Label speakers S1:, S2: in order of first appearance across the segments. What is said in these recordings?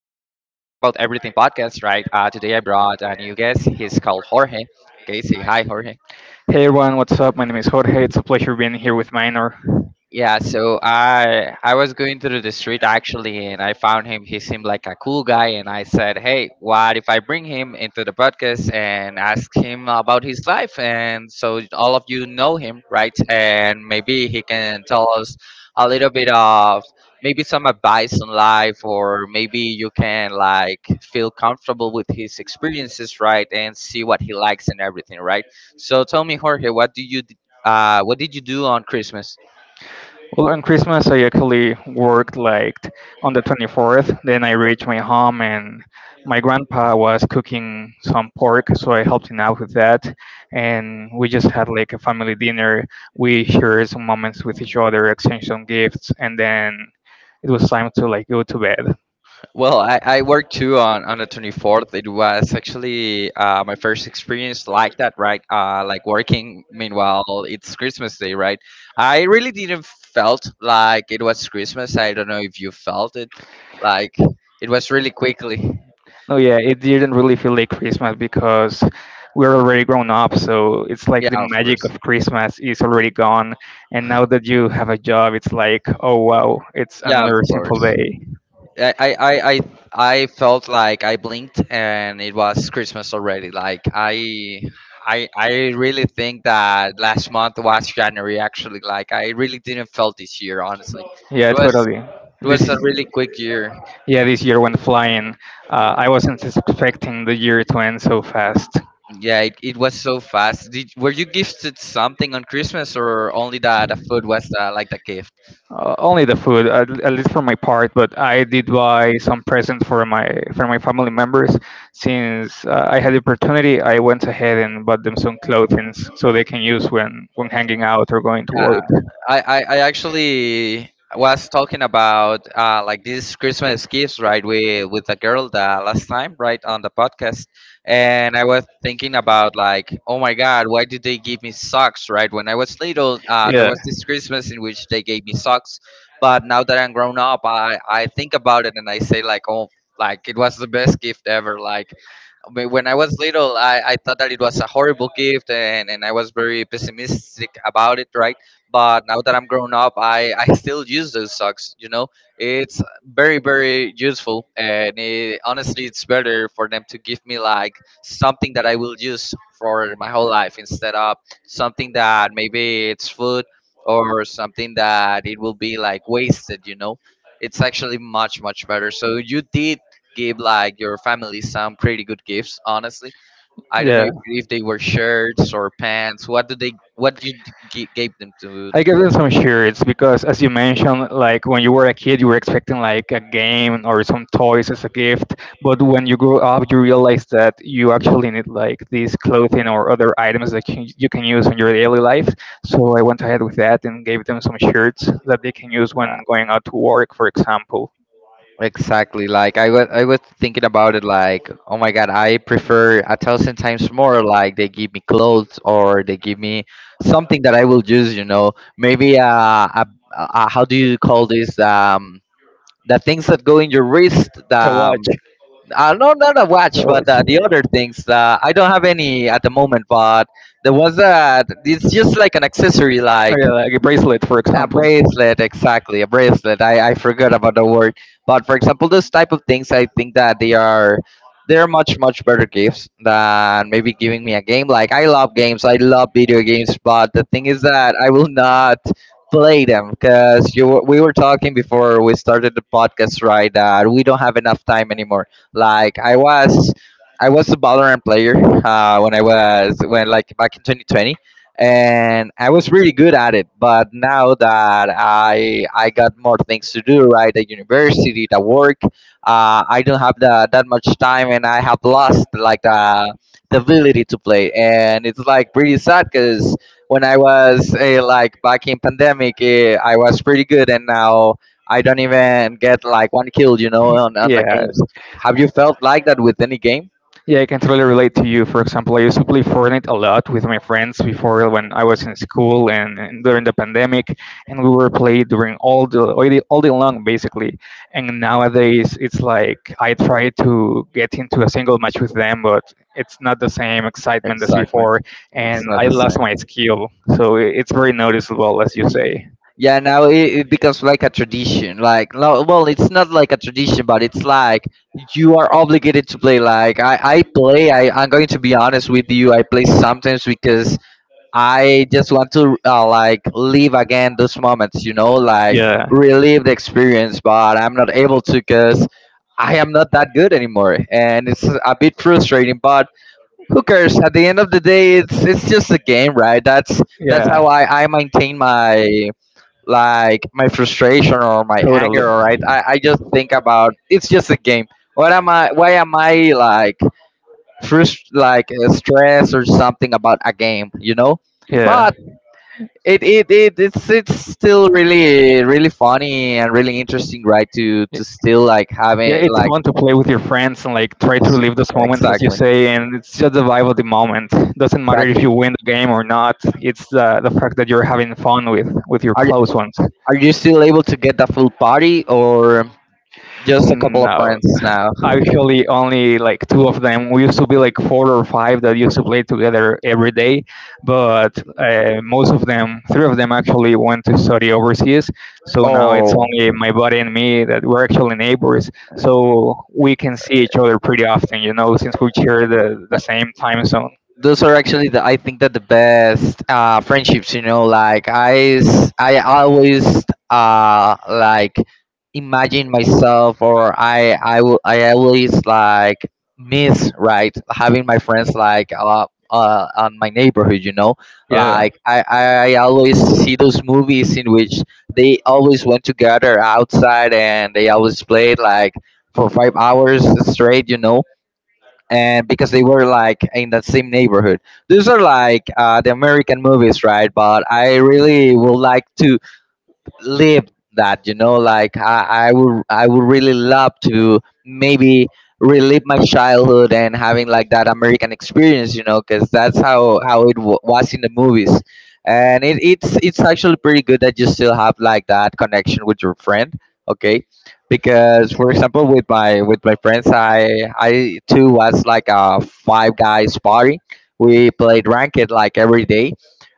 S1: Everything podcast, right? Today I brought a new guest. He's called Jorge. Okay, say hi, Jorge.
S2: Hey everyone, what's up? My name is Jorge. It's a pleasure being here with Minor.
S1: Yeah, so I was going through the street actually, and I found him. He seemed like a cool guy, and I said, "Hey, what if I bring him into the podcast and ask him about his life?" And so all of you know him, right? And maybe he can tell us a little bit of maybe some advice on life, or maybe you can like feel comfortable with his experiences, right? And see what he likes and everything, right? So tell me, Jorge, what did you do on Christmas?
S2: Well, on Christmas, I actually worked like on the 24th. Then I reached my home, and my grandpa was cooking some pork, so I helped him out with that. And we just had like a family dinner. We shared some moments with each other, exchanged some gifts, and then it was time to like go to bed.
S1: Well, I worked too on the 24th. It was actually my first experience like that, right? Like working, meanwhile, it's Christmas Day, right? I really didn't felt like it was Christmas. I don't know if you felt it. Like, it was really quickly.
S2: No, yeah, it didn't really feel like Christmas because we're already grown up. So it's like
S1: Yeah,
S2: the
S1: of
S2: magic
S1: course.
S2: of Christmas is already gone. And now that you have a job, it's like, oh wow, it's
S1: Yeah, of
S2: another simple
S1: course.
S2: day.
S1: I I felt like I blinked and it was Christmas already. Like I really think that last month was January actually. Like I really didn't felt this year honestly. It
S2: Yeah,
S1: was
S2: totally.
S1: it
S2: This
S1: was a
S2: is
S1: really quick year.
S2: yeah, this year went flying. I wasn't expecting the year to end so fast.
S1: Yeah, it was so fast. Did were you gifted something on Christmas or only that the food was like the gift?
S2: Only the food, at least for my part. But I did buy some presents for my family members. Since I had the opportunity, I went ahead and bought them some clothing so they can use when hanging out or going to
S1: Yeah,
S2: work.
S1: I actually was talking about like these Christmas gifts, right? With a girl the last time, right, on the podcast, and I was thinking about like, oh my God, why did they give me socks, right? When I was little, there
S2: Yeah.
S1: was this Christmas in which they gave me socks, but now that I'm grown up, I think about it and I say like, oh, like it was the best gift ever, like. When I was little, I thought that it was a horrible gift and I was very pessimistic about it, right? But now that I'm grown up, I still use those socks, you know? It's very, very useful. And it, honestly, it's better for them to give me like something that I will use for my whole life instead of something that maybe it's food or something that it will be like wasted, you know? It's actually much, much better. So you did give like your family some pretty good gifts. Honestly, I don't know
S2: Yeah.
S1: if they were shirts or pants. What did they? What you gave them to?
S2: I gave them some shirts because, as you mentioned, like when you were a kid, you were expecting like a game or some toys as a gift. But when you grow up, you realize that you actually need like these clothing or other items that you can use in your daily life. So I went ahead with that and gave them some shirts that they can use when going out to work, for example.
S1: Exactly. Like I was thinking about it. Like, oh my God, I prefer a thousand times more. Like they give me clothes or they give me something that I will use. You know, maybe a how do you call this? The things that go in your wrist. The
S2: A watch.
S1: No, not a watch,
S2: A
S1: but
S2: watch.
S1: the other things. I don't have any at the moment, but there was that. It's just like an accessory,
S2: Or
S1: like
S2: yeah, like a bracelet, for
S1: a
S2: example.
S1: bracelet, exactly, a bracelet. I forgot about the word, but for example those type of things. I think that they are, they're much, much better gifts than maybe giving me a game. Like I love games, I love video games, but the thing is that I will not play them because we were talking before we started the podcast, right, that we don't have enough time anymore. like i was I was a Valorant player when I was when like back in 2020, and I was really good at it. But now that I got more things to do, right, at university, at work, I don't have that much time, and I have lost like the ability to play, and it's like pretty sad because when I was like back in pandemic, I was pretty good, and now I don't even get like one kill, you know, on the
S2: Yeah,
S1: games. Have you felt like that with any game?
S2: yeah, I can totally relate to you. For example, I used to play Fortnite a lot with my friends before when I was in school and during the pandemic, and we were playing during all day long basically. And nowadays, it's like I try to get into a single match with them, but it's not the same excitement as
S1: Exactly.
S2: before, and
S1: It's not
S2: I
S1: the
S2: lost my
S1: same.
S2: skill. So it's very noticeable, as you say.
S1: Yeah, now it becomes like a tradition. Like, no, well, it's not like a tradition, but it's like you are obligated to play. Like, I play. I'm going to be honest with you. I play sometimes because I just want to like live again those moments. You know, like
S2: Yeah,
S1: relive the experience, but I'm not able to because I am not that good anymore, and it's a bit frustrating. But who cares? At the end of the day, it's just a game, right? That's
S2: yeah,
S1: how I maintain my like my frustration or my
S2: totally.
S1: anger, right. I just think about it's just a game. What am I? Why am I like stressed or something about a game, you know?
S2: Yeah.
S1: But it's still really, really funny and really interesting, right,
S2: Y-
S1: to still like have
S2: Yeah,
S1: it
S2: it's
S1: like
S2: fun to play with your friends and like try to
S1: s-
S2: relive those moments, as you
S1: exactly.
S2: say, and it's just the vibe of the moment. Doesn't matter if
S1: Exactly,
S2: you win the game or not. It's the fact that you're having fun with your
S1: are you,
S2: close ones.
S1: are you still able to get the full party or just a couple of
S2: No,
S1: friends now?
S2: actually only like two of them. We used to be like four or five that used to play together every day, but most of them, three of them actually went to study overseas. So now it's
S1: Oh,
S2: only my buddy and me that we're actually neighbors. So we can see each other pretty often, you know, since we share the same time zone.
S1: those are actually the, I think, that the best friendships. You know, like I always uh like imagine myself, or I always like miss right having my friends like on my neighborhood. You know,
S2: Yeah.
S1: like I always see those movies in which they always went together outside and they always played like for 5 hours straight. You know, and because they were like in that same neighborhood. These are like the American movies, right? But I really would like to live that, you know. Like I would really love to maybe relive my childhood and having like that American experience, you know, because that's how was in the movies. And it's actually pretty good that you still have like that connection with your friend. Okay, because for example with my friends, I too was like a five guys party. We played ranked like every day.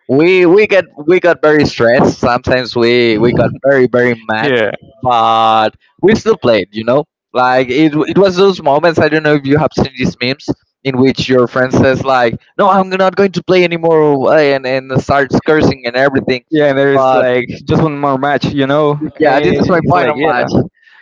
S1: We got very stressed sometimes. We got very, very mad,
S2: Yeah.
S1: but we still played, you know. Like it was those moments. I don't know if you have seen these memes in which your friend says like, no, I'm not going to play anymore, and starts cursing and everything.
S2: Yeah. And there's like just one more match, you know?
S1: Yeah, this
S2: And
S1: is my
S2: it's like,
S1: final
S2: yeah.
S1: match.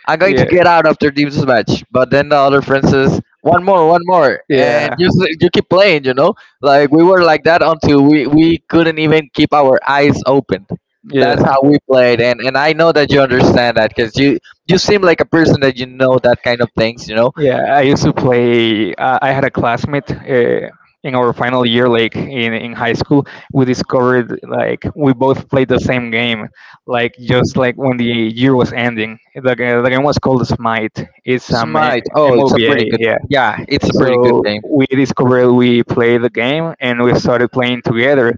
S1: I'm going to
S2: Yeah.
S1: get out after this match. But then the other friend says, one more, one more. And
S2: Yeah.
S1: you keep playing, you know? Like, we were like that until we couldn't even keep our eyes open. That's
S2: Yeah.
S1: how we played. And I know that you understand that because you seem like a person that you know that kind of things, you know?
S2: Yeah, I used to play. I had a classmate in our final year, like in high school. We discovered like we both played the same game, like when the year was ending. The game was called Smite. It's
S1: Smite. Oh, it's a pretty good.
S2: MOBA.
S1: Yeah, it's a pretty good
S2: So
S1: game.
S2: we discovered we play the game and we started playing together,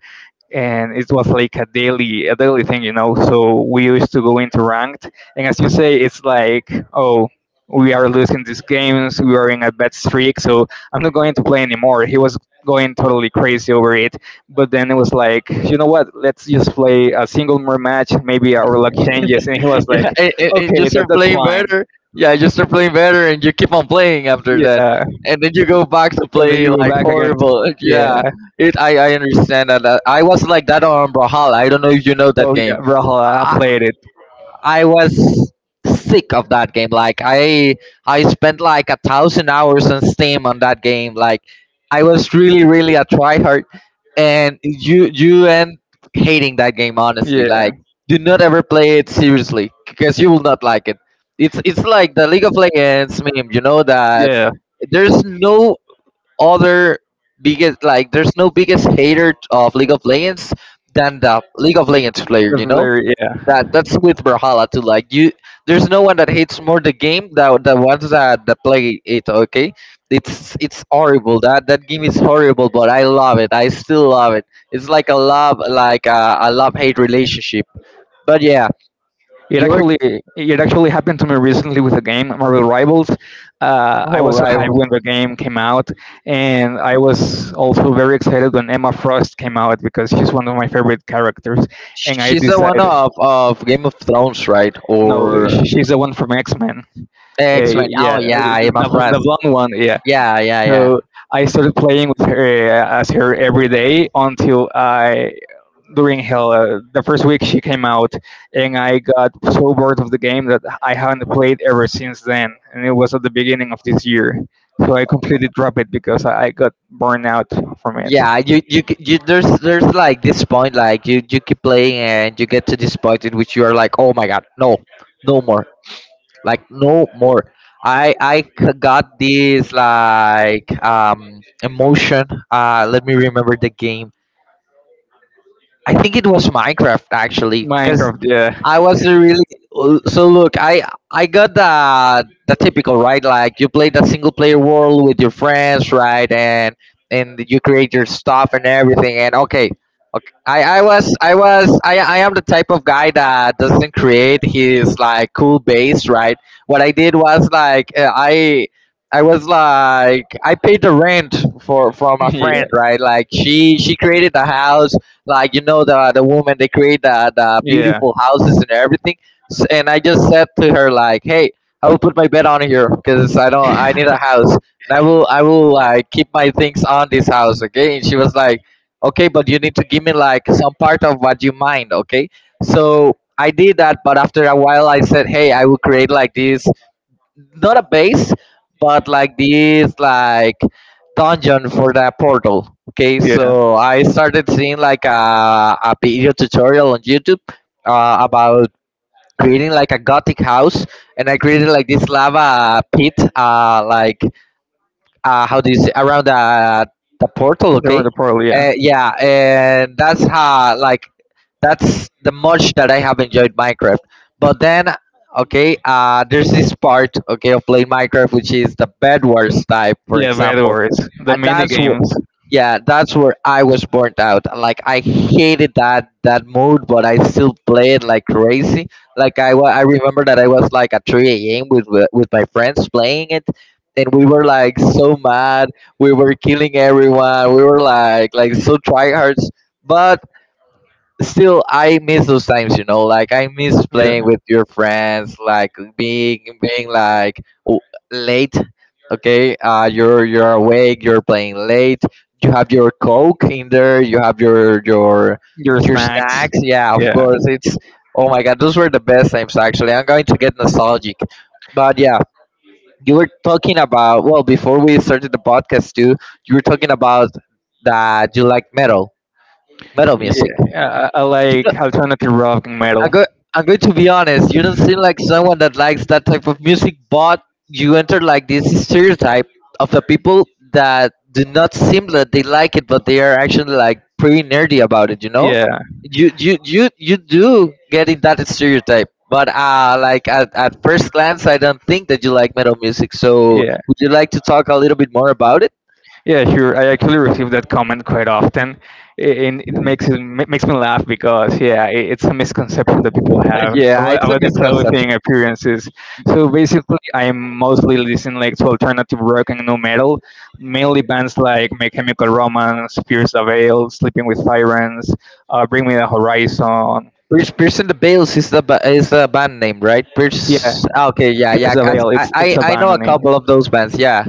S2: and it was like a daily thing, you know. So we used to go into ranked, and as you say, it's like, oh, we are losing these games, we are in a bad streak, so I'm not going to play anymore. He was going totally crazy over it. But then it was like, you know what, let's just play a single more match, maybe our luck changes, and he was like,
S1: Yeah, and you
S2: okay,
S1: start
S2: that's
S1: playing
S2: fine.
S1: better. Yeah, you start playing better, and you keep on playing after that,
S2: Yeah.
S1: and then you go back to
S2: And then
S1: play
S2: you go
S1: like
S2: back again to
S1: horrible. Yeah,
S2: yeah.
S1: it. I understand that. I was like that on Brawlhalla. I don't know if you know that
S2: Oh
S1: game.
S2: yeah, Brawlhalla. I played it.
S1: I was sick of that game. Like I spent like a thousand hours on Steam on that game. Like I was really, really a tryhard, and you end hating that game honestly.
S2: Yeah,
S1: Like do not ever play it seriously because you will not like it. It's like the League of Legends meme. You know that
S2: yeah,
S1: there's no other biggest, like there's no biggest hater of League of Legends than the League of Legends player. You know
S2: definitely.
S1: that,
S2: Yeah,
S1: that's with Brawlhalla too. Like you, there's no one that hates more the game than the ones that play it. Okay, it's horrible. That game is horrible, but I love it. I still love it. It's like a love, like a love hate relationship. But yeah,
S2: it
S1: you were
S2: actually it actually happened to me recently with a game, Marvel Rivals. I
S1: oh
S2: was so
S1: right.
S2: hyped when the game came out, and I was also very excited when Emma Frost came out because she's one of my favorite characters. And I
S1: She's the one
S2: decided,
S1: of Game of Thrones, right?
S2: no,
S1: Or
S2: she's the one from X Men.
S1: X Men.
S2: Yeah,
S1: Oh yeah, Emma Frost.
S2: the blonde one. Yeah.
S1: Yeah, yeah, yeah.
S2: So I started playing with her as her every day until I, during hell, the first week she came out, and I got so bored of the game that I haven't played ever since then. And it was at the beginning of this year, so I completely dropped it because I got burned out from it.
S1: Yeah, you c- you there's like this point, like you keep playing and you get to this point in which you are like, oh my god, no, no more, like no more. Got this like emotion. Let me remember the game. I think it was Minecraft actually.
S2: Minecraft, yeah,
S1: I was a really so look. I got the typical, right, like you play the single player world with your friends, right, and you create your stuff and everything. And okay, okay. I was I was I am the type of guy that doesn't create his like cool base, right. What I did was like I. I was like, I paid the rent for from a friend, right? Like she created the house, like you know the woman, they create the
S2: yeah, yeah,
S1: beautiful houses and everything. And I just said to her like, hey, I will put my bed on here because I don't I need a house, and I will like keep my things on this house, okay? And she was like, okay, but you need to give me like some part of what you mind, okay. So I did that, but after a while I said, hey, I will create like this, not a base, but like this like dungeon for that portal. Okay,
S2: yeah.
S1: so I started seeing like a video tutorial on YouTube about creating like a gothic house, and I created like this lava pit, like how do you say, around the portal,
S2: They're on
S1: okay.
S2: the portal, yeah.
S1: Yeah, and that's how like that's the much that I have enjoyed Minecraft. But then, okay, there's this part, okay, of playing Minecraft, which is the bed wars type, for
S2: Yeah, bad
S1: example.
S2: words. The
S1: And
S2: mini
S1: that's what,
S2: games.
S1: yeah, that's where I was burnt out. Like I hated that mode, but I still play it like crazy. Like I remember that I was like at 3 a.m with with my friends playing it, and we were like so mad. We were killing everyone. We were like so tryhards. But still, I miss those times. You know, like I miss playing
S2: Yeah.
S1: with your friends. Like being like late. Okay, you're awake. You're playing late. You have your coke in there. You have your
S2: Your
S1: your
S2: snacks.
S1: snacks. Yeah, of
S2: Yeah.
S1: course. It's oh my god, those were the best times. Actually, I'm going to get nostalgic. But yeah, you were talking about, well, before we started the podcast too, you were talking about that you like metal, metal
S2: Yeah.
S1: music.
S2: I like alternative rock and
S1: I'm
S2: metal.
S1: go- I'm going to be honest. You don't seem like someone that likes that type of music, but you enter like this stereotype of the people that do not seem that they like it, but they are actually like pretty nerdy about it. You know,
S2: Yeah.
S1: you do get in that stereotype. But like at first glance, I don't think that you like metal music. So
S2: Yeah.
S1: would you like to talk a little bit more about it?
S2: Yeah, sure. I actually receive that comment quite often, and it makes me laugh because yeah, it's a misconception that people have
S1: Yeah, it's a
S2: about the
S1: misconception.
S2: clothing appearances. So basically, I'm mostly listening like to alternative rock and nu metal, mainly bands like My Chemical Romance, Pierce the Veil, Sleeping with Sirens, Bring Me the Horizon.
S1: Pierce, Pierce and the Bales is the is the band name, right?
S2: Yeah,
S1: Pierce. Ah, okay, yeah,
S2: Pierce
S1: yeah.
S2: the
S1: I,
S2: Veil.
S1: I
S2: It's
S1: I
S2: a
S1: I
S2: band
S1: know a
S2: name.
S1: couple of those bands. Yeah.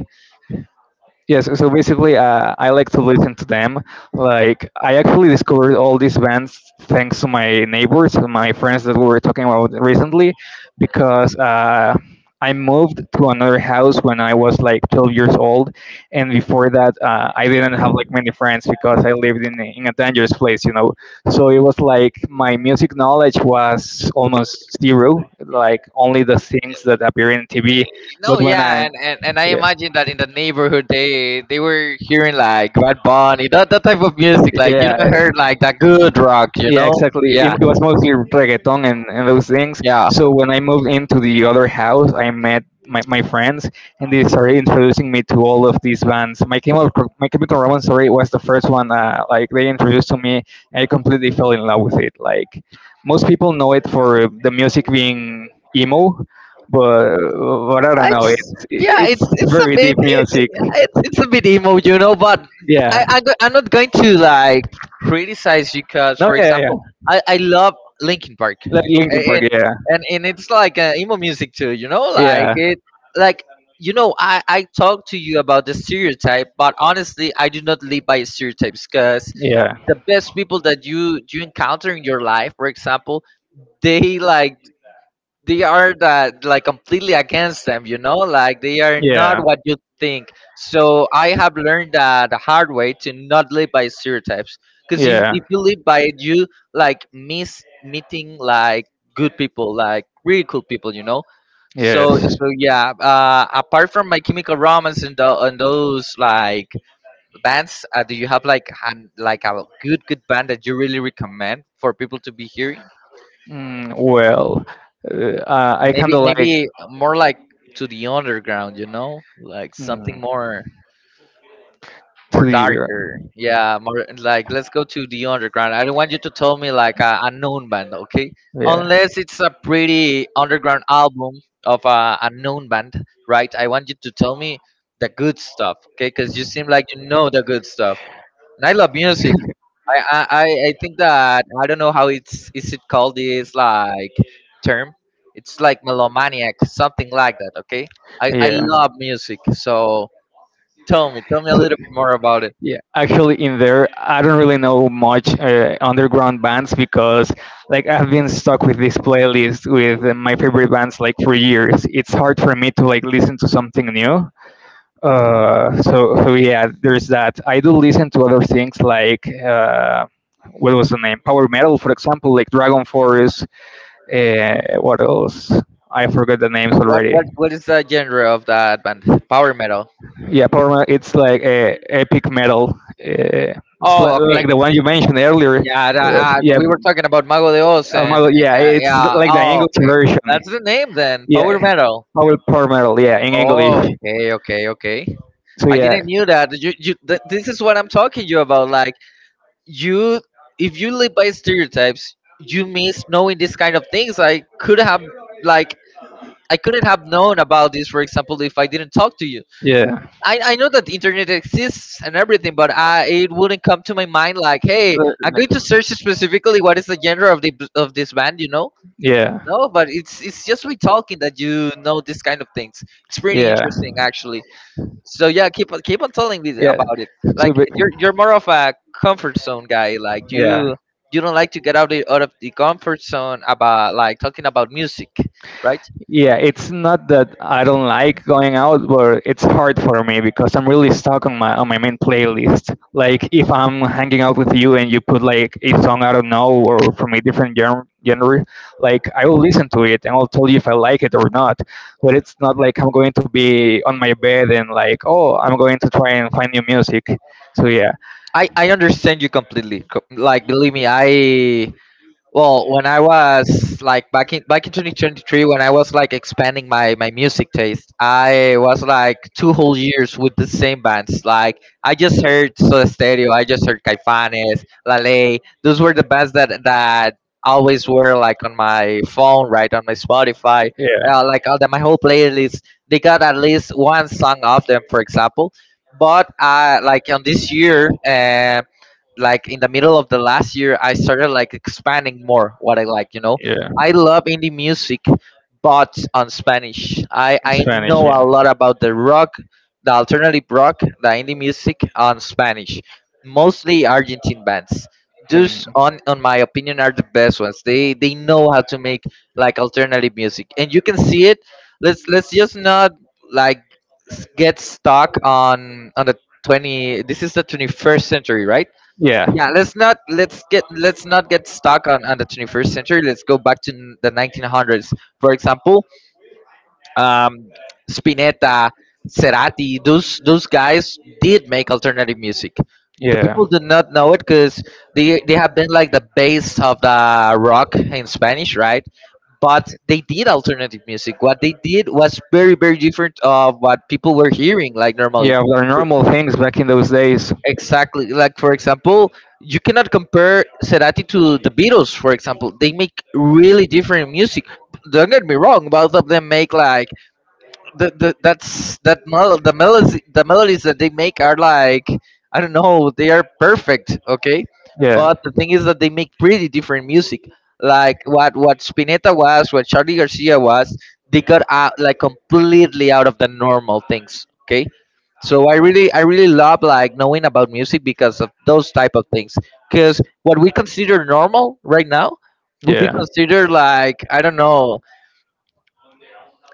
S2: Yes, so basically, I like to listen to them. Like, I actually discovered all these bands thanks to my neighbors and my friends that we were talking about recently, because I moved to another house when I was like 12 years old, and before that, I didn't have like many friends because I lived in in a dangerous place, you know. So it was like my music knowledge was almost zero, like only the things that appear in TV. But
S1: No,
S2: when
S1: yeah,
S2: I
S1: and I
S2: Yeah,
S1: imagine that in the neighborhood they were hearing like Bad Bunny, that type of music. Like you
S2: yeah,
S1: don't heard like that good rock, you
S2: yeah,
S1: know?
S2: exactly. It,
S1: Yeah,
S2: it was mostly reggaeton and those things.
S1: yeah.
S2: So when I moved into the other house, I met my friends, and they started introducing me to all of these bands. My Chemical Romance, sorry, was the first one. Like they introduced to me, I completely fell in love with it. Like most people know it for the music being emo, but I don't know.
S1: It's yeah,
S2: It's
S1: it's a
S2: very
S1: bit
S2: deep
S1: it,
S2: music.
S1: it's a bit emo, you know. But
S2: Yeah.
S1: I'm not going to like criticize you because,
S2: No,
S1: for
S2: yeah, yeah,
S1: example,
S2: yeah.
S1: I love Linkin Park,
S2: Like Linkin Park.
S1: and
S2: Yeah.
S1: and it's like emo music too, you know. Like
S2: Yeah.
S1: it, like you know, I talk to you about the stereotype, but honestly, I do not live by stereotypes because
S2: Yeah.
S1: the best people that you encounter in your life, for example, they like they are that like completely against them, you know, like they are not
S2: Yeah.
S1: what you think. So I have learned that the hard way, to not live by stereotypes, because
S2: Yeah.
S1: if you live by it, you like miss meeting like good people, like really cool people, you know. So
S2: Yes.
S1: so yeah, apart from My Chemical Romance and, the and those like bands, do you have like an, like a good good band that you really recommend for people to be hearing?
S2: Well, I kind
S1: Maybe
S2: of like
S1: maybe more like to the underground, you know, like something
S2: mm,
S1: more,
S2: to
S1: more
S2: the year.
S1: darker, yeah, more like, let's go to the underground. I don't want you to tell me like a known band, okay,
S2: Yeah.
S1: unless it's a pretty underground album of a known band, right? I want you to tell me the good stuff, okay, because you seem like you know the good stuff. And I love music. I think that, I don't know how it's, is it called this like term. It's like melomaniac, something like that. Okay, I
S2: Yeah.
S1: love music. So tell me a
S2: So,
S1: little bit more about it.
S2: yeah, actually, in there, I don't really know much underground bands because, like, I've been stuck with this playlist with my favorite bands like for years. It's hard for me to like listen to something new. So yeah, there's that. I do listen to other things like what was the name? Power metal, for example, like Dragon Force. What else? I forgot the names
S1: What
S2: already.
S1: what is the genre of that band? Power metal.
S2: Yeah, power. It's like a epic metal. It's
S1: Oh, okay.
S2: like the one you mentioned earlier.
S1: Yeah,
S2: Uh,
S1: that,
S2: yeah,
S1: we were talking about Mago de Oz, and
S2: yeah, it's
S1: yeah.
S2: like the
S1: Oh,
S2: English
S1: okay.
S2: version.
S1: That's the name then.
S2: Yeah,
S1: Power metal.
S2: power metal. Yeah, in English.
S1: Oh, okay, okay, okay.
S2: So
S1: I
S2: yeah,
S1: didn't knew that. You, this is what I'm talking to you about. Like you, if you live by stereotypes, you miss knowing these kind of things. I could have like, I couldn't have known about this, for example, if I didn't talk to you.
S2: yeah,
S1: I know that the internet exists and everything, but I it wouldn't come to my mind like, hey, I'm going
S2: Uh,
S1: to search specifically what is the genre of the of this band, you know?
S2: yeah,
S1: No, but it's just, we talking that you know these kind of things. It's pretty
S2: yeah,
S1: interesting actually. So yeah, keep on, keep on telling me
S2: yeah.
S1: about it. Like
S2: So ba-
S1: you're more of a comfort zone guy. Like
S2: yeah.
S1: you don't like to get out the, out of the comfort zone about like talking about music, right?
S2: Yeah, it's not that I don't like going out, but it's hard for me because I'm really stuck on my main playlist. Like if I'm hanging out with you and you put like a song I don't know or from a different genre, like I will listen to it and I'll tell you if I like it or not. But it's not like I'm going to be on my bed and like, oh, I'm going to try and find new music. So yeah,
S1: I understand you completely. Like believe me, I well, when I was like back in back in 2023, when I was like expanding my my music taste, I was like two whole years with the same bands. Like I just heard Soda Stereo, I just heard Caifanes, La Ley. Those were the bands that always were like on my phone, right, on my Spotify.
S2: yeah,
S1: Like all the, my whole playlist, they got at least one song of them, for example. But like on this year, like in the middle of the last year, I started like expanding more what I like, you know.
S2: yeah,
S1: I love indie music, but on Spanish, i
S2: in
S1: i
S2: Spanish,
S1: know a
S2: yeah.
S1: lot about the rock, the alternative rock, the indie music on Spanish, mostly Argentine bands. Just
S2: Hmm.
S1: on my opinion, are the best ones. They know how to make like alternative music, and you can see it. Let's just not like get stuck on the 20, this is the 21st century, right?
S2: Yeah.
S1: Yeah, let's get let's not get stuck on the 21st century. Let's go back to the 1900s. For example, um, Spinetta, Cerati, those guys did make alternative music. The
S2: Yeah.
S1: people do not know it because they have been like the base of the rock in Spanish, right? But they did alternative music. What they did was very very different of what people were hearing like normally.
S2: Yeah, were normal things back in those days.
S1: Exactly. Like for example, you cannot compare Cerati to the Beatles. For example, they make really different music. Don't get me wrong. Both of them make like the that's that the melody, the melodies that they make, are like, I don't know, they are perfect, okay.
S2: Yeah.
S1: But the thing is that they make pretty different music, like what Spinetta was, what Charlie Garcia was. They got out like completely out of the normal things, okay. So I really, I really love like knowing about music because of those type of things, because what we consider normal right now would be
S2: Yeah.
S1: considered like, I don't know,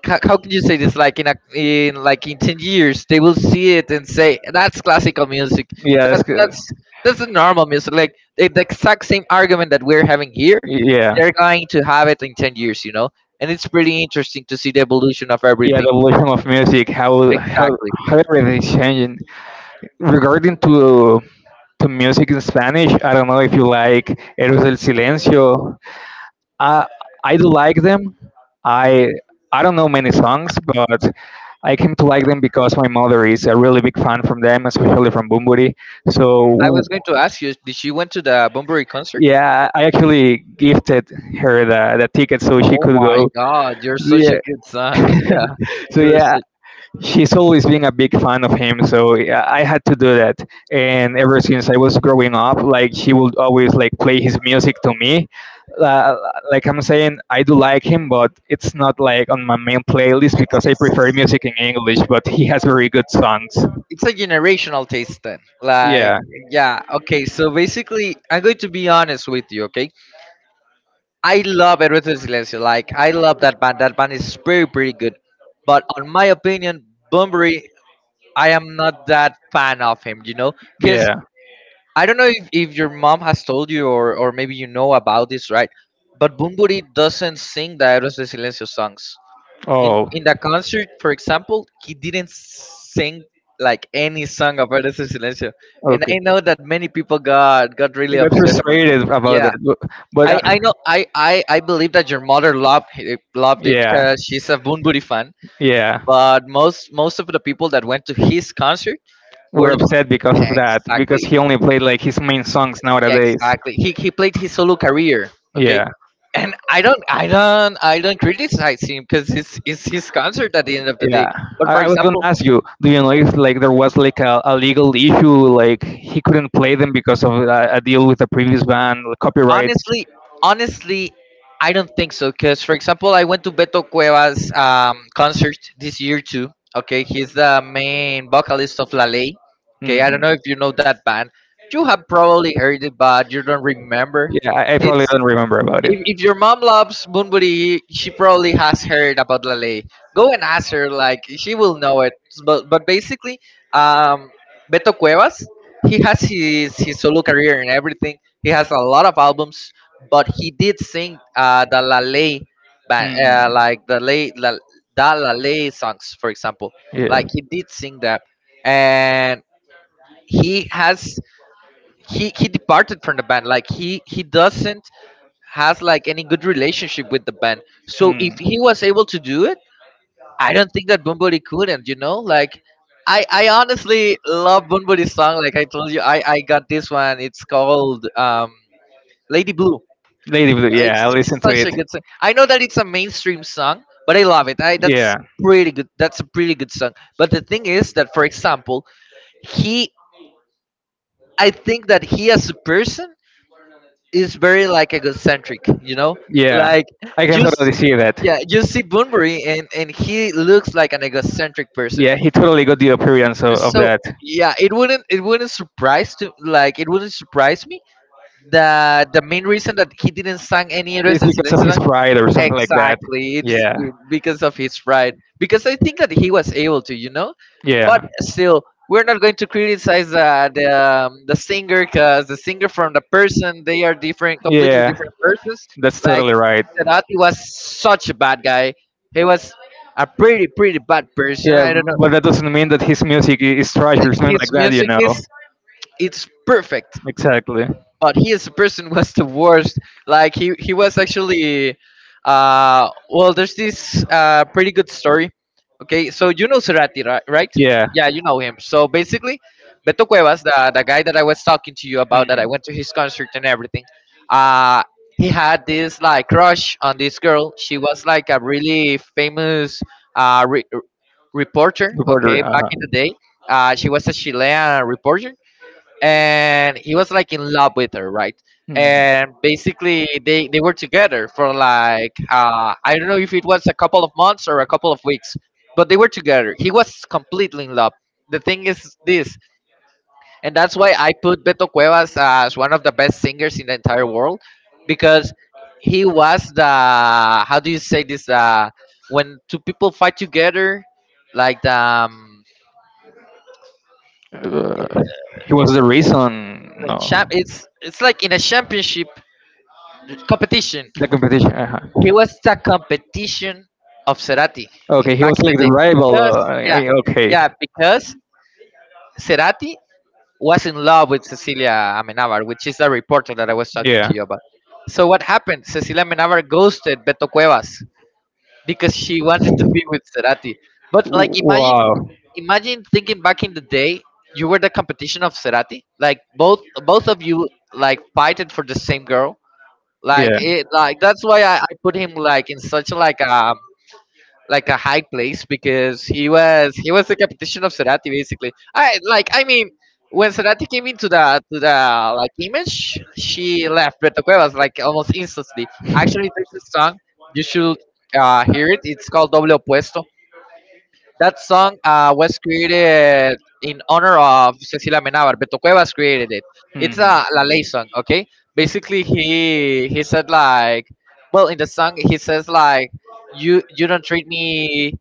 S1: how can you say this, like in a, in like in 10 years, they will see it and say that's classical music.
S2: Yeah. It's
S1: That's
S2: good.
S1: that's a normal music, like the exact same argument that we're having here,
S2: Yeah.
S1: they're going to have it in 10 years, you know. And it's pretty interesting to see the evolution of
S2: Yeah. The
S1: everything.
S2: evolution of music,
S1: Exactly.
S2: how everything is changing. Regarding to music in Spanish, I don't know if you like Eros del Silencio. I I do like them. I I don't know many songs, but I came to like them because my mother is a really big fan from them, especially from Bumburi.
S1: I
S2: So
S1: was going to ask you, did you went to the Bunbury concert?
S2: yeah, I actually gifted her the ticket so she
S1: Oh
S2: could
S1: my
S2: go.
S1: god, you're such a
S2: Yeah.
S1: good son. Yeah,
S2: So
S1: you're
S2: yeah,
S1: such,
S2: she's always been a big fan of him. So yeah, I had to do that. And ever since I was growing up, like she would always like play his music to me. Uh, like I'm saying, I do like him, but it's not like on my main playlist
S1: it's
S2: because I
S1: it's
S2: prefer music in English. But he has very good songs.
S1: it's a generational taste then. Like
S2: Yeah.
S1: yeah, okay, so basically I'm going to be honest with you, okay. I love Eruto Silencio, like I love that band, that band is pretty pretty good, but on my opinion Bunbury, I am not that fan of him, you know, because
S2: Yeah.
S1: I don't know if your mom has told you or maybe you know about this, right? But Bunbury doesn't sing the Eruto Silencio songs. in
S2: Oh.
S1: in the concert, for example, he didn't sing like any song of Eres el Silencio, and
S2: Okay.
S1: I know that many people got
S2: I
S1: really
S2: got
S1: upset about it.
S2: frustrated about
S1: Yeah,
S2: that. But
S1: I know, I believe that your mother loved it
S2: Yeah.
S1: because she's a Bunbury fan.
S2: Yeah.
S1: But most of the people that went to his concert
S2: We're
S1: were
S2: upset because of that because
S1: exactly.
S2: he only played like his main songs
S1: Yeah,
S2: nowadays.
S1: exactly, he played his solo career. Okay,
S2: Yeah.
S1: and I don't criticize him because it's his concert at the end of the day.
S2: Yeah,
S1: But for
S2: I was gonna
S1: example,
S2: ask you, do you know if like there was like a legal issue, like he couldn't play them because of a deal with the previous band, the copyrights?
S1: Honestly, honestly, I don't think so. Because, for example, I went to Beto Cuevas' concert this year too. Okay, he's the main vocalist of La Ley. Okay, I
S2: Mhm.
S1: don't know if you know that band. You have probably heard it, but you don't remember.
S2: Yeah, I
S1: It's
S2: probably don't remember about it.
S1: if your mom loves Bunbury, she probably has heard about Lale. Go and ask her, like she will know it. But basically, um, Beto Cuevas, he has his solo career and everything. He has a lot of albums, but he did sing the Lale band, like the Lale, La, the Lale songs, for example. Like he did sing that, and he has he departed from the band, like he doesn't has like any good relationship with the band. So if he was able to do it, I don't think that bumburi couldn't like. I honestly love bumburi's song, like I told you. I got this one, it's called Lady Blue.
S2: Lady Blue.
S1: it's,
S2: Yeah, I
S1: it's
S2: listened to it.
S1: such a good song. I know that it's a mainstream song, but I love it. I That's
S2: Yeah,
S1: pretty good. That's a pretty good song. But the thing is that, for example, he I think that he as a person is very like egocentric, you know?
S2: yeah.
S1: Like
S2: I can
S1: you see.
S2: totally see that.
S1: Yeah, you see Bunbury and he looks like an egocentric person.
S2: Yeah, he totally got the appearance of
S1: So
S2: that.
S1: yeah, it wouldn't surprise me that the main reason that he didn't sang any of.
S2: It's
S1: Exactly.
S2: because of his pride or something like that.
S1: It's
S2: Yeah,
S1: because of his pride. Because I think that he was able to. But
S2: yeah,
S1: still, we're not going to criticize the singer, because the singer from the person they are different, completely
S2: yeah.
S1: different persons.
S2: That's totally
S1: Like
S2: right.
S1: Cerati was such a bad guy. He was a pretty bad person.
S2: Yeah,
S1: I don't know.
S2: but that doesn't mean that his music is trash
S1: Like,
S2: or something like
S1: his
S2: that, you
S1: music
S2: know.
S1: is, it's perfect.
S2: Exactly.
S1: But he as a person was the worst. Like he was actually, well, there's this pretty good story. Okay, so you know Cerati, right?
S2: Yeah.
S1: Yeah, you know him. So basically, Beto Cuevas, the guy that I was talking to you about, that I
S2: Mhm.
S1: went to his concert and everything, uh, he had this like crush on this girl. She was like a really famous uh re- reporter.
S2: The border,
S1: Okay, back in the day, she was a Chilean reporter and he was like in love with her, right? And basically, they were together for like, I don't know if it was a couple of months or a couple of weeks, but they were together. He was completely in love. The thing is this, and that's why I put Beto Cuevas as one of the best singers in the entire world, because he was the, how do you say this, when two people fight together, like the,
S2: uh, he was the reason.
S1: like
S2: No,
S1: champ, it's like in a championship competition.
S2: the competition. Uh-huh.
S1: He was a competition of Cerati
S2: Okay, he
S1: back
S2: was
S1: in the
S2: like the
S1: day,
S2: rival.
S1: because yeah,
S2: Okay.
S1: yeah, because Cerati was in love with Cecilia Amenabar, which is the reporter that I was talking
S2: Yeah.
S1: to you about. So what happened? Cecilia Amenabar ghosted Beto Cuevas because she wanted to be with Cerati. But like imagine,
S2: Wow.
S1: imagine thinking back in the day, you were the competition of Cerati. Like both of you like fighted for the same girl. Like
S2: Yeah.
S1: it, like that's why I put him like in such like a, high place, because he was the competition of Cerati basically. I mean, when Cerati came into the like image, she left Beto Cuevas like almost instantly. Actually, there's a song you should hear it. It's called Doble Opuesto. That song was created in honor of Cecilia Menabar. Beto Cuevas created it.
S2: Hmm.
S1: It's a La Ley song. Okay, basically he said like, well, in the song he says like, you don't treat me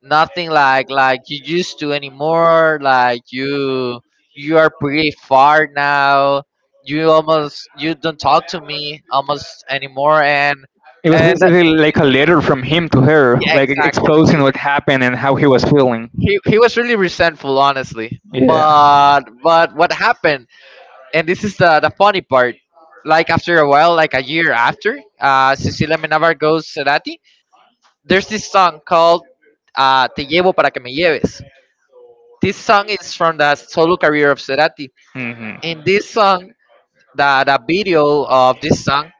S1: nothing like
S2: Like
S1: like you used to anymore, like you are pretty far now, you almost you don't talk to me almost anymore,
S2: it was
S1: and that,
S2: basically like a letter from him to her, yeah,
S1: yeah,
S2: like
S1: exactly,
S2: exposing
S1: he,
S2: what happened and how he was feeling.
S1: he was really resentful, honestly.
S2: Yeah.
S1: But what happened, and this is the funny part, like after a while, like a year after, Cecilia Menabar goes Cerati, there's this song called, Te llevo para que me lleves. This song is from the solo career of Cerati.
S2: Hmm.
S1: In this song, the video of this song,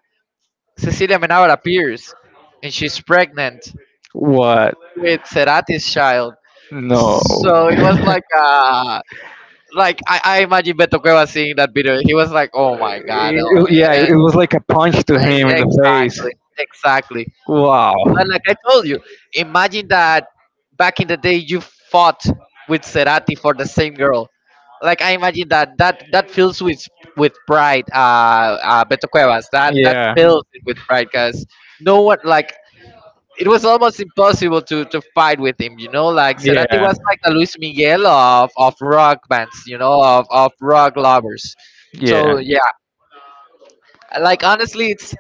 S1: Cecilia Menabar appears and she's pregnant
S2: What?
S1: with Cerati's child.
S2: No.
S1: So it was like I imagine Beto Cueva seeing that video. He was like, "Oh my god!" Oh,
S2: Yeah,
S1: eh,
S2: it was like a punch to him in the face.
S1: exactly, exactly.
S2: Wow.
S1: But like I told you, imagine that back in the day you fought with Cerati for the same girl. Like I imagine that that fills with pride, Beto Cuevas. That
S2: Yeah.
S1: fills it with pride, because no one, like, it was almost impossible to fight with him. You know, like Cerati was like a Luis Miguel of rock bands. You know, of rock lovers.
S2: Yeah.
S1: So yeah, like honestly, it's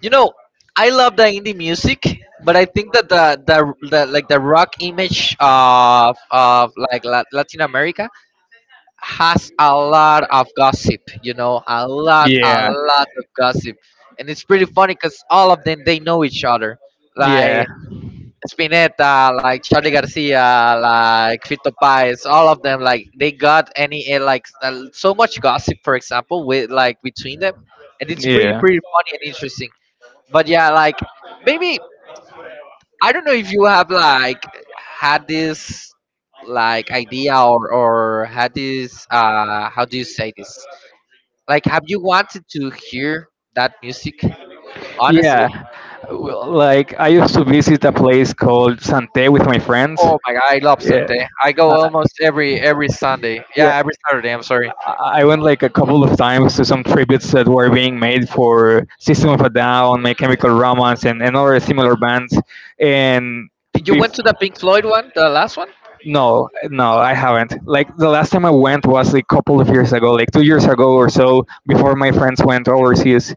S1: you know I love the indie music, but I
S2: Yeah.
S1: think that the like the rock image of like La- Latin America has a lot of gossip. You know, a
S2: Yeah.
S1: lot of gossip, and it's pretty funny because all of them they know each other.
S2: Yeah.
S1: Like Spinetta, like Charlie Garcia, like Fito Páez, all of them, like they got any like so much gossip, for example, with like between them, and it's pretty funny and interesting. But yeah, like maybe, I don't know if you have like had this like idea or had this
S2: Yeah.
S1: how do you say this? Like, have you wanted to hear that music? Honestly.
S2: Yeah. Well, like I used to visit a place called Sante with my friends.
S1: Oh my god, I love
S2: Yeah.
S1: Sunday. I go
S2: Uh,
S1: almost every Sunday.
S2: yeah.
S1: Yeah, every Saturday. I'm sorry.
S2: I went like a couple of times to some tributes that were being made for System of a Down, My Chemical Romance, and other similar bands. And
S1: Did you went to the
S2: before
S1: Pink Floyd one, the last one?
S2: no, no,
S1: Uh,
S2: I haven't. Like the last time I went was a couple of years ago, like two years ago or so, before my friends went overseas.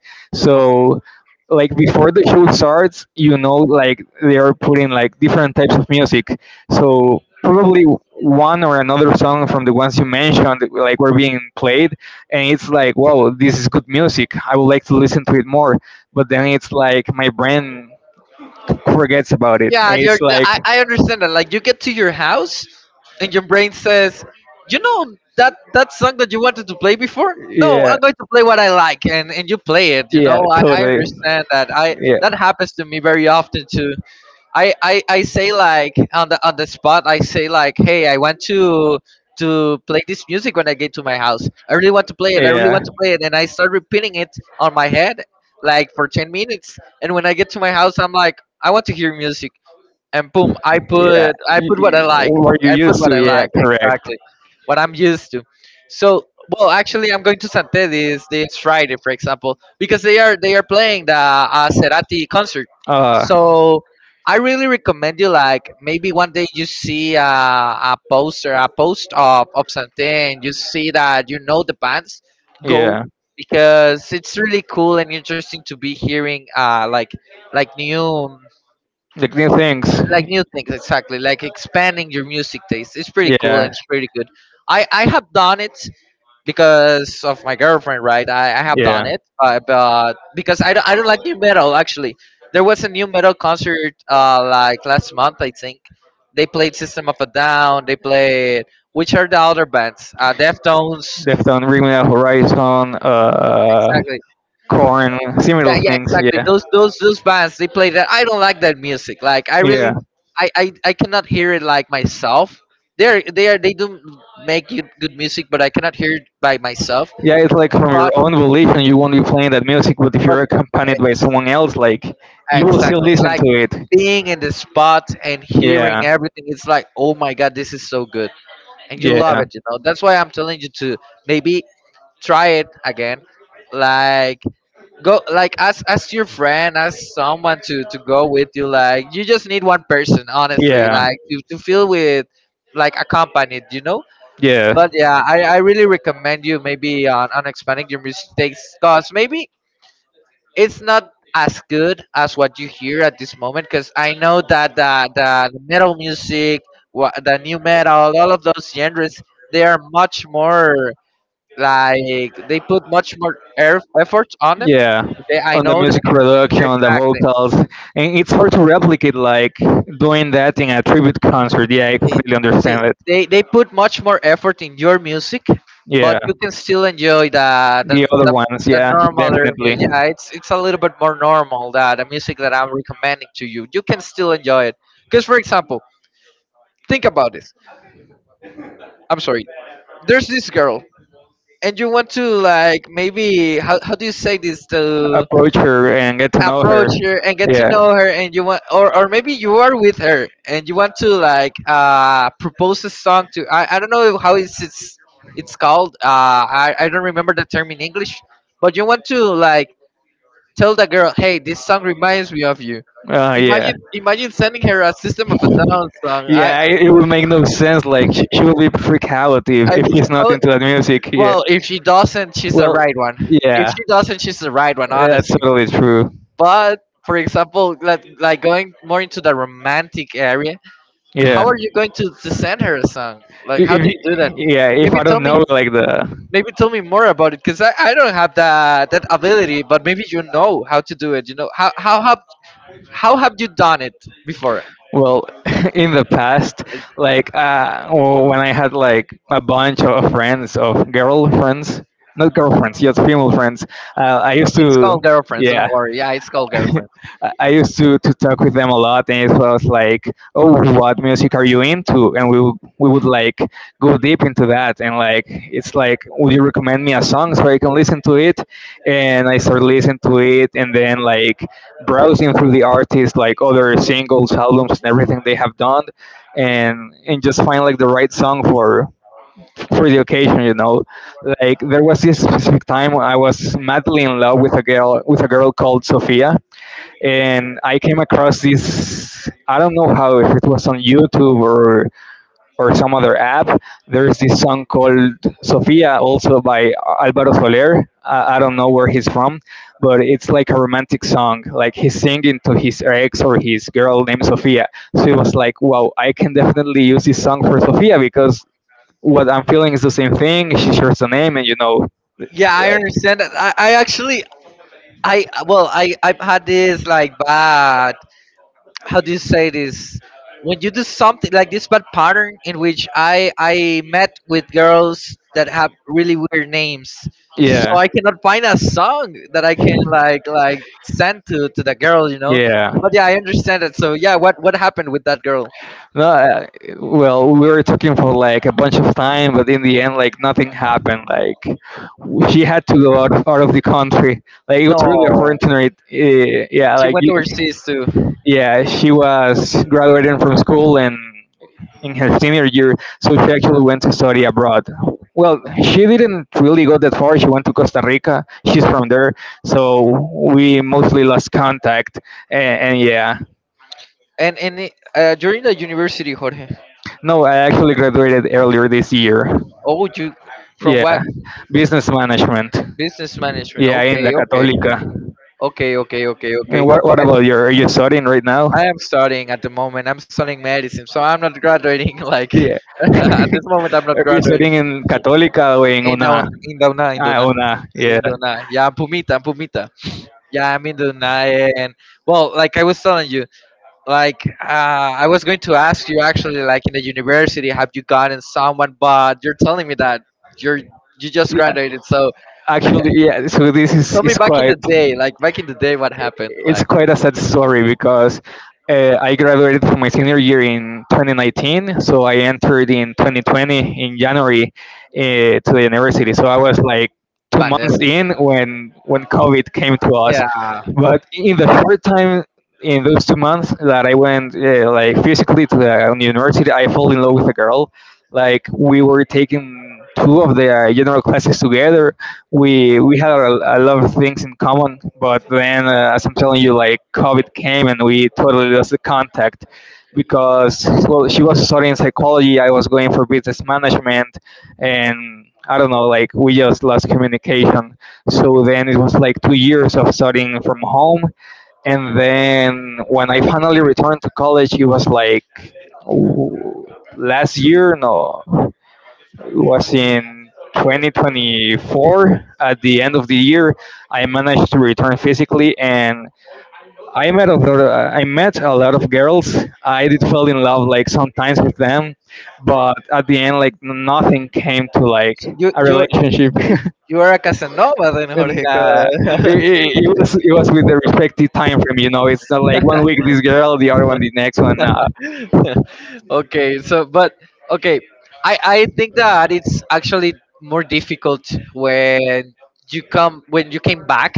S1: okay.
S2: So, like before the show starts, you know, like they are putting like different types of music. So probably one or another song from the ones you mentioned, like were being played, and it's like, wow, this is good music. I would like to listen to it more. But then it's like my brain forgets about it, and
S1: Yeah,
S2: it's
S1: you're,
S2: like.
S1: I understand that. Like you get to your house, and your brain says, you know, that that song that you wanted to play before. No,
S2: Yeah,
S1: I'm going to play what I like, and you play it. You
S2: yeah,
S1: know, I
S2: totally.
S1: understand that. I
S2: Yeah,
S1: That
S2: yeah,
S1: happens to me very often too. I say, like, on the spot, I say like, hey, I want to play this music when I get to my house. I really want to play it. I really want to play it, and I start repeating it on my head like for 10 minutes, and when I get to my house I'm like, I want to hear music, and boom, i
S2: yeah.
S1: put i put what I like.
S2: What you
S1: I put
S2: used to,
S1: what I
S2: yeah,
S1: like,
S2: correct.
S1: exactly what I'm used to. So, well actually, I'm going to Santé this Friday, for example, because they are playing the Cerati concert.
S2: Uh,
S1: So I really recommend you, like, maybe one day you see a poster, a post of Santé, and you see that you know the bands, go,
S2: yeah,
S1: because it's really cool and interesting to be hearing like, like new
S2: like new things.
S1: like new things, exactly, like expanding your music taste. It's pretty cool and
S2: Yeah,
S1: it's pretty good. I have done it because of my girlfriend, right? I have
S2: yeah.
S1: done it, but because I don't like new metal actually. There was a new metal concert like last month I think. They played System of a Down, they played, which are the other bands, Deftones,
S2: They've done Bring Me the Horizon,
S1: exactly.
S2: Corn,
S1: Yeah,
S2: similar
S1: yeah,
S2: things.
S1: exactly.
S2: Yeah,
S1: Those bands they play that. I don't like that music. Like I
S2: yeah,
S1: really, I cannot hear it like myself. They're they are they do make good, good music, but I cannot hear it by myself.
S2: yeah. It's like from your
S1: But
S2: own belief, and you won't be playing that music. But if
S1: but
S2: you're accompanied by
S1: ex-
S2: someone else, like you will still
S1: exactly,
S2: listen
S1: like
S2: to it.
S1: being in the spot and hearing
S2: Yeah,
S1: everything. It's like, oh my god, this is so good, and you love
S2: yeah,
S1: it. You know, that's why I'm telling you to maybe try it again. Like, go, like, ask your friend, ask someone to go with you, like you just need one person, honestly,
S2: yeah,
S1: like to, feel with, like, accompanied.
S2: yeah.
S1: But yeah, I really recommend you maybe on, expanding your mistakes, because maybe it's not as good as what you hear at this moment, because I know that the metal music, the new metal, all of those genres, they are much more, like, they put much more effort on them.
S2: Yeah,
S1: Okay, I
S2: on the
S1: know.
S2: music production on the
S1: Exactly.
S2: vocals, and it's hard to replicate like doing that in a tribute concert. Yeah, I
S1: They,
S2: completely
S1: they
S2: understand it.
S1: they put much more effort in your music,
S2: Yeah,
S1: but you can still enjoy the the
S2: the other
S1: the,
S2: ones,
S1: the
S2: yeah,
S1: normal
S2: definitely.
S1: music. Yeah, it's a little bit more normal that the music that I'm recommending to you. You can still enjoy it. Because for example, think about this. I'm sorry. There's this girl, and you want to like maybe how do you say this to
S2: Approach her and get to know her.
S1: approach her and get to
S2: Yeah.
S1: know her, and you want or maybe you are with her and you want to like propose a song to I don't know how it's called I don't remember the term in English, but you want to like tell the girl, hey, this song reminds me of you.
S2: Uh, yeah.
S1: Imagine sending her a System of a Down song.
S2: Yeah, it would make no sense. Like she will be freak out
S1: I
S2: if he's not
S1: how,
S2: into that music. Yeah.
S1: well, if she doesn't, she's the
S2: Well,
S1: right one. If
S2: yeah,
S1: she doesn't, she's the right one,
S2: that's
S1: honestly.
S2: totally true.
S1: But for example, like going more into the romantic area. How
S2: Yeah.
S1: are you going to send her a song? Like,
S2: If,
S1: how do you do that?
S2: yeah, if
S1: Maybe
S2: I
S1: tell
S2: don't
S1: me,
S2: know like the,
S1: Maybe tell me more about it, because I don't have that ability. But maybe you know how to do it. You know, how have you done it before?
S2: well, in the past,
S1: It,
S2: like when I had like a bunch of friends of girlfriends, not girlfriends, just female friends, I used
S1: it's
S2: to,
S1: called girlfriends.
S2: yeah.
S1: Don't worry. Yeah, it's called
S2: I
S1: girlfriends.
S2: I used to talk with them a lot, and it was like, "Oh, what music are you into?" And we would like go deep into that, and like it's like, "Would you recommend me a song so I can listen to it?" And I started listening to it, and then like browsing through the artists, like other singles, albums, and everything they have done, and and just find like the right song for the occasion, you know. Like there was this specific time when I was madly in love with a girl called Sophia, and I came across this. I don't know how if it was on YouTube or some other app. There's this song called Sofia, also by Alvaro Soler. I don't know where he's from, but it's like a romantic song. Like he's singing to his ex or his girl named Sofia. So it was like, wow, I can definitely use this song for Sofia because what I'm feeling is the same thing. She shares the name, and you know, like,
S1: Yeah, I understand that. I actually, I well I I've had this like bad, how do you say this, when you do something like this, bad pattern in which I met with girls that have really weird names, so
S2: yeah.
S1: I cannot find a song that I can like send to the girl.
S2: Yeah.
S1: But yeah, I understand it. So yeah, what happened with that girl?
S2: No, well, we were talking for like a bunch of time, but in the end, like nothing happened. Like she had to go out of the country. Like it was really
S1: No,
S2: unfortunate. Yeah,
S1: she went overseas too.
S2: yeah, she was graduating from school and in her senior year, so she actually went to study abroad. Well, she didn't really go that far. She went to Costa Rica. She's from there, so we mostly lost contact. And yeah.
S1: And during the university, Jorge?
S2: No, I actually graduated earlier this year.
S1: Oh, you, from
S2: Yeah,
S1: what?
S2: business management.
S1: Business management.
S2: Yeah, in
S1: Okay,
S2: the
S1: okay,
S2: Católica.
S1: okay, okay. Okay, okay.
S2: And what about your? Are you studying right now?
S1: I am studying at the moment. I'm studying medicine, so I'm not graduating. Like
S2: Yeah.
S1: at this moment, I'm not
S2: Are you
S1: graduating.
S2: studying in Católica or in
S1: In
S2: una?
S1: Dau- in Dauna, in
S2: Ah,
S1: Dauna,
S2: una. Yeah.
S1: in Dauna. Yeah, I'm Pumita. I'm Pumita. Yeah, I'm in Dauna, and well, like I was telling you, like I was going to ask you, actually, like in the university, have you gotten someone? But you're telling me that you're you just
S2: Yeah.
S1: graduated. So
S2: Actually, yeah. So this
S1: tell me,
S2: is
S1: back in the
S2: quite.
S1: day, what happened?
S2: It's
S1: Like,
S2: quite a sad story because I graduated from my senior year in 2019, so I entered in 2020 in January to the university. So I was like two months
S1: pandemic.
S2: in when COVID came to us,
S1: Yeah.
S2: but in the short time in those two months that I went like physically to the on university, I fell in love with a girl. Like we were taking two of the general classes together, we had a lot of things in common, but then, as I'm telling you, like COVID came and we totally lost the contact, because well, she was studying psychology, I was going for business management, and I don't know, like we just lost communication. So then it was like two years of studying from home, and then when I finally returned to college, it was like w- last year, no, was in 2024. At the end of the year I managed to return physically, and I met a lot of girls. I did fall in love like sometimes with them, but at the end like nothing came to like
S1: So
S2: a relationship.
S1: you you are a Casanova then,
S2: And
S1: Jorge.
S2: it, it, it was it was with the respective time frame, you know. It's not like one week this girl, the other one the next one,
S1: Okay, so but okay, I think that it's actually more difficult when you come when you came back,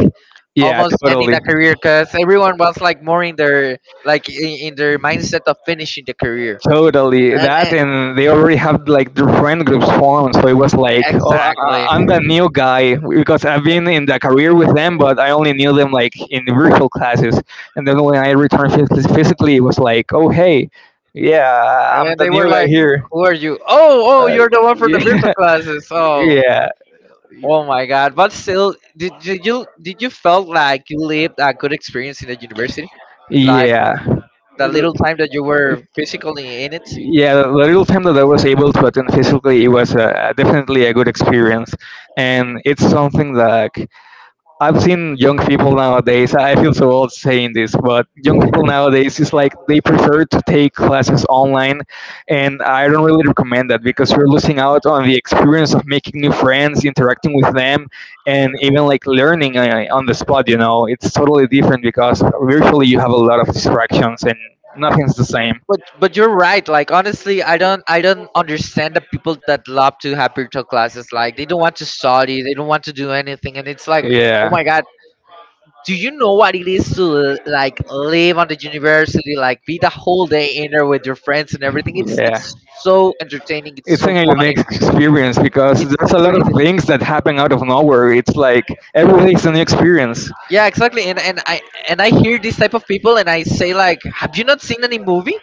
S2: yeah,
S1: almost ending
S2: totally.
S1: the career because everyone was like more in their mindset of finishing the career.
S2: Totally
S1: and,
S2: that,
S1: and
S2: and they already have like their friend groups formed. So it was like, oh,
S1: exactly.
S2: I'm the
S1: And
S2: new guy because I've been in the career with them, but I only knew them like in the virtual classes. And then when physically, it was like, oh, hey, yeah, I'm the
S1: they were
S2: new guy
S1: like,
S2: here.
S1: who are you? Oh,
S2: Uh,
S1: you're the one from the virtual
S2: yeah,
S1: classes. Oh. Oh my god! But still, did you felt like you lived a good experience in the university, like
S2: yeah, yeah.
S1: the little
S2: It-
S1: time that you were physically in it?
S2: yeah, the little time that I was able to attend physically it was definitely a good experience, and it's something that like, I've seen young people nowadays, I feel so old saying this, but young people nowadays is like they prefer to take classes online, and I don't really recommend that because you're losing out on the experience of making new friends, interacting with them, and even like learning on the spot. You know, it's totally different because virtually you have a lot of distractions and nothing's the same.
S1: But you're right. Like, honestly, I don't understand the people that love to have virtual classes. Like, they don't want to study, they don't want to do anything, and it's like, oh
S2: Yeah.
S1: my god, do you know what it is to like live on the university, like be the whole day in there with your friends and everything? It's
S2: Yeah,
S1: it's so entertaining. It's
S2: it's
S1: so
S2: an
S1: funny.
S2: unique experience because
S1: It's
S2: there's
S1: a
S2: a lot
S1: pretty.
S2: of things that happen out of nowhere. It's like everything's a new experience.
S1: Yeah, exactly. And I hear this type of people, and I say, like, have you not seen any movie?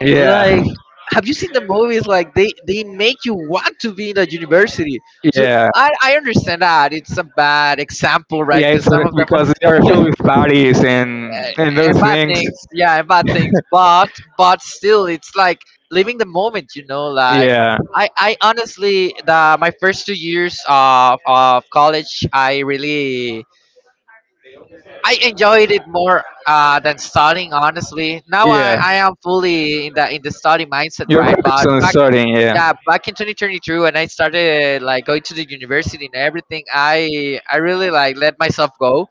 S2: Yeah,
S1: Like, have you seen the movies? Like, they make you want to be in the university. To
S2: yeah,
S1: I understand that it's a bad example, right?
S2: Yeah, it's
S1: Because
S2: sort
S1: some
S2: of
S1: of them
S2: because they are filled with bodies and
S1: and
S2: those
S1: bad
S2: things.
S1: things, yeah, and bad things. But still, it's like living the moment, you know. Like,
S2: Yeah.
S1: I honestly the my first 2 years of college, I really I enjoyed it more than studying, honestly. Now I,
S2: Yeah.
S1: I am fully in the study mindset,
S2: You're
S1: right?
S2: focused
S1: But
S2: on
S1: back
S2: studying,
S1: yeah,
S2: yeah.
S1: back in 2022 when I started like going to the university and everything, I really like let myself go,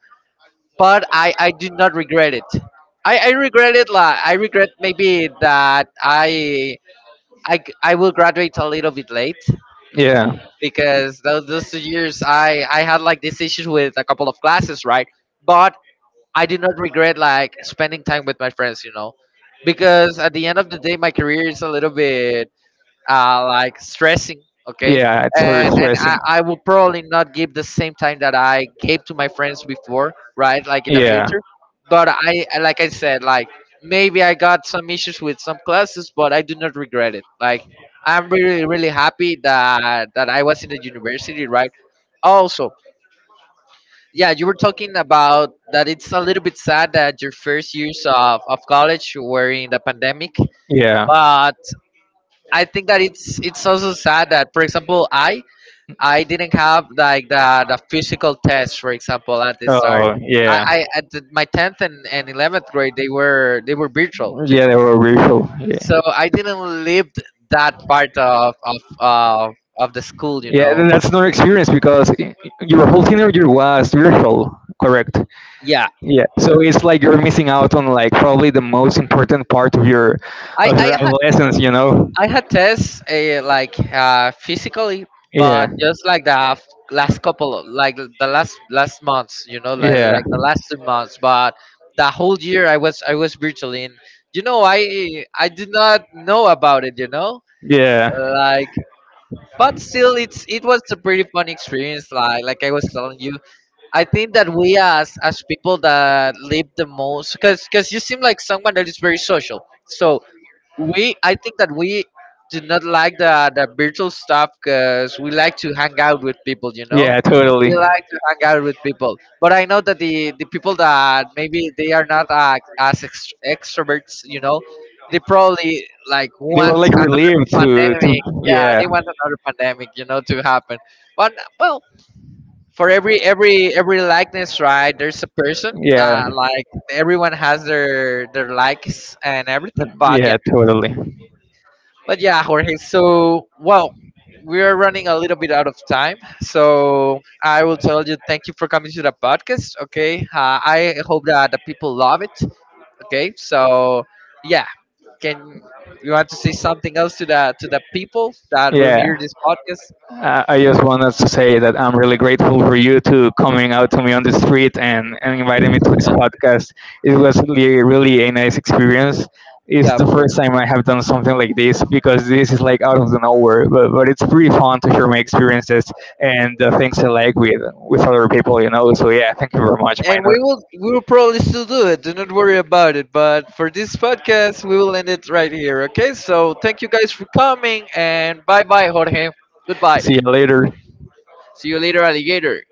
S1: but I do not regret it. I regret it, like I regret maybe that I will graduate a little bit late
S2: Yeah.
S1: because those 2 years I had like this issue with a couple of classes, right? But I do not regret like spending time with my friends, you know, because at the end of the day, my career is a little bit like stressing, okay,
S2: Yeah, it's very
S1: and and I,
S2: stressing.
S1: I will probably not give the same time that I gave to my friends before, right, like in the
S2: Yeah.
S1: future. But like I said, like maybe I got some issues with some classes, but I do not regret it. Like, I'm really really happy that I was in the university, right? Also, yeah, you were talking about that it's a little bit sad that your first years of college were in the pandemic,
S2: Yeah.
S1: but I think that it's also sad that, for example, I didn't have like the physical test, for example, at the start.
S2: Oh,
S1: I,
S2: yeah.
S1: I at my 10th and 11th grade, they were virtual too,
S2: Yeah, they were real.
S1: so
S2: Yeah.
S1: I didn't live that part of the school, you
S2: Yeah, then
S1: know.
S2: that's another experience because your whole teenager year was virtual, correct?
S1: Yeah,
S2: Yeah, so it's like you're missing out on like probably the most important part
S1: I
S2: of
S1: I
S2: your
S1: had
S2: adolescence, you know?
S1: I had tests like physically,
S2: Yeah,
S1: but just like last couple of like the last months, you know, like the last 2 months. But the whole year I was virtually in. You know, I did not know about it. You know,
S2: yeah,
S1: like, but still, it was a pretty fun experience. Like I was telling you, I think that we as people that live the most, because you seem like someone that is very social. So
S2: yeah,
S1: we I think that we do not like the virtual stuff because we like to hang out with people. You know,
S2: Yeah, totally.
S1: we like to hang out with people. But I know that the people that maybe they are not as extroverts. You know, they probably like
S2: They were
S1: want
S2: like
S1: another
S2: relieved to
S1: pandemic. Yeah,
S2: yeah.
S1: they want another pandemic, you know, to happen. But, well. For every likeness, right, there's a person.
S2: Yeah.
S1: Like everyone has their likes and everything. But yeah,
S2: Yeah, totally.
S1: but yeah, Jorge, so, well, we're running a little bit out of time. So I will tell you, thank you for coming to the podcast. Okay. I hope that the people love it. Okay. So, yeah. Can you want to say something else to the people that will
S2: Yeah.
S1: hear this podcast?
S2: I just wanted to say that I'm really grateful for you to coming out to me on the street and inviting me to this podcast. It was really, really a nice experience. It's
S1: Yeah,
S2: the
S1: of
S2: first
S1: course.
S2: time I have done something like this because this is like out of the nowhere, but it's pretty fun to share my experiences and the things I like with other people, you know. So yeah, thank you very much,
S1: And we
S2: Minor.
S1: will we will probably still do it. Do not worry about it. But for this podcast, we will end it right here. Okay. So thank you guys for coming, and bye bye, Jorge. Goodbye.
S2: See you later.
S1: See you later, alligator.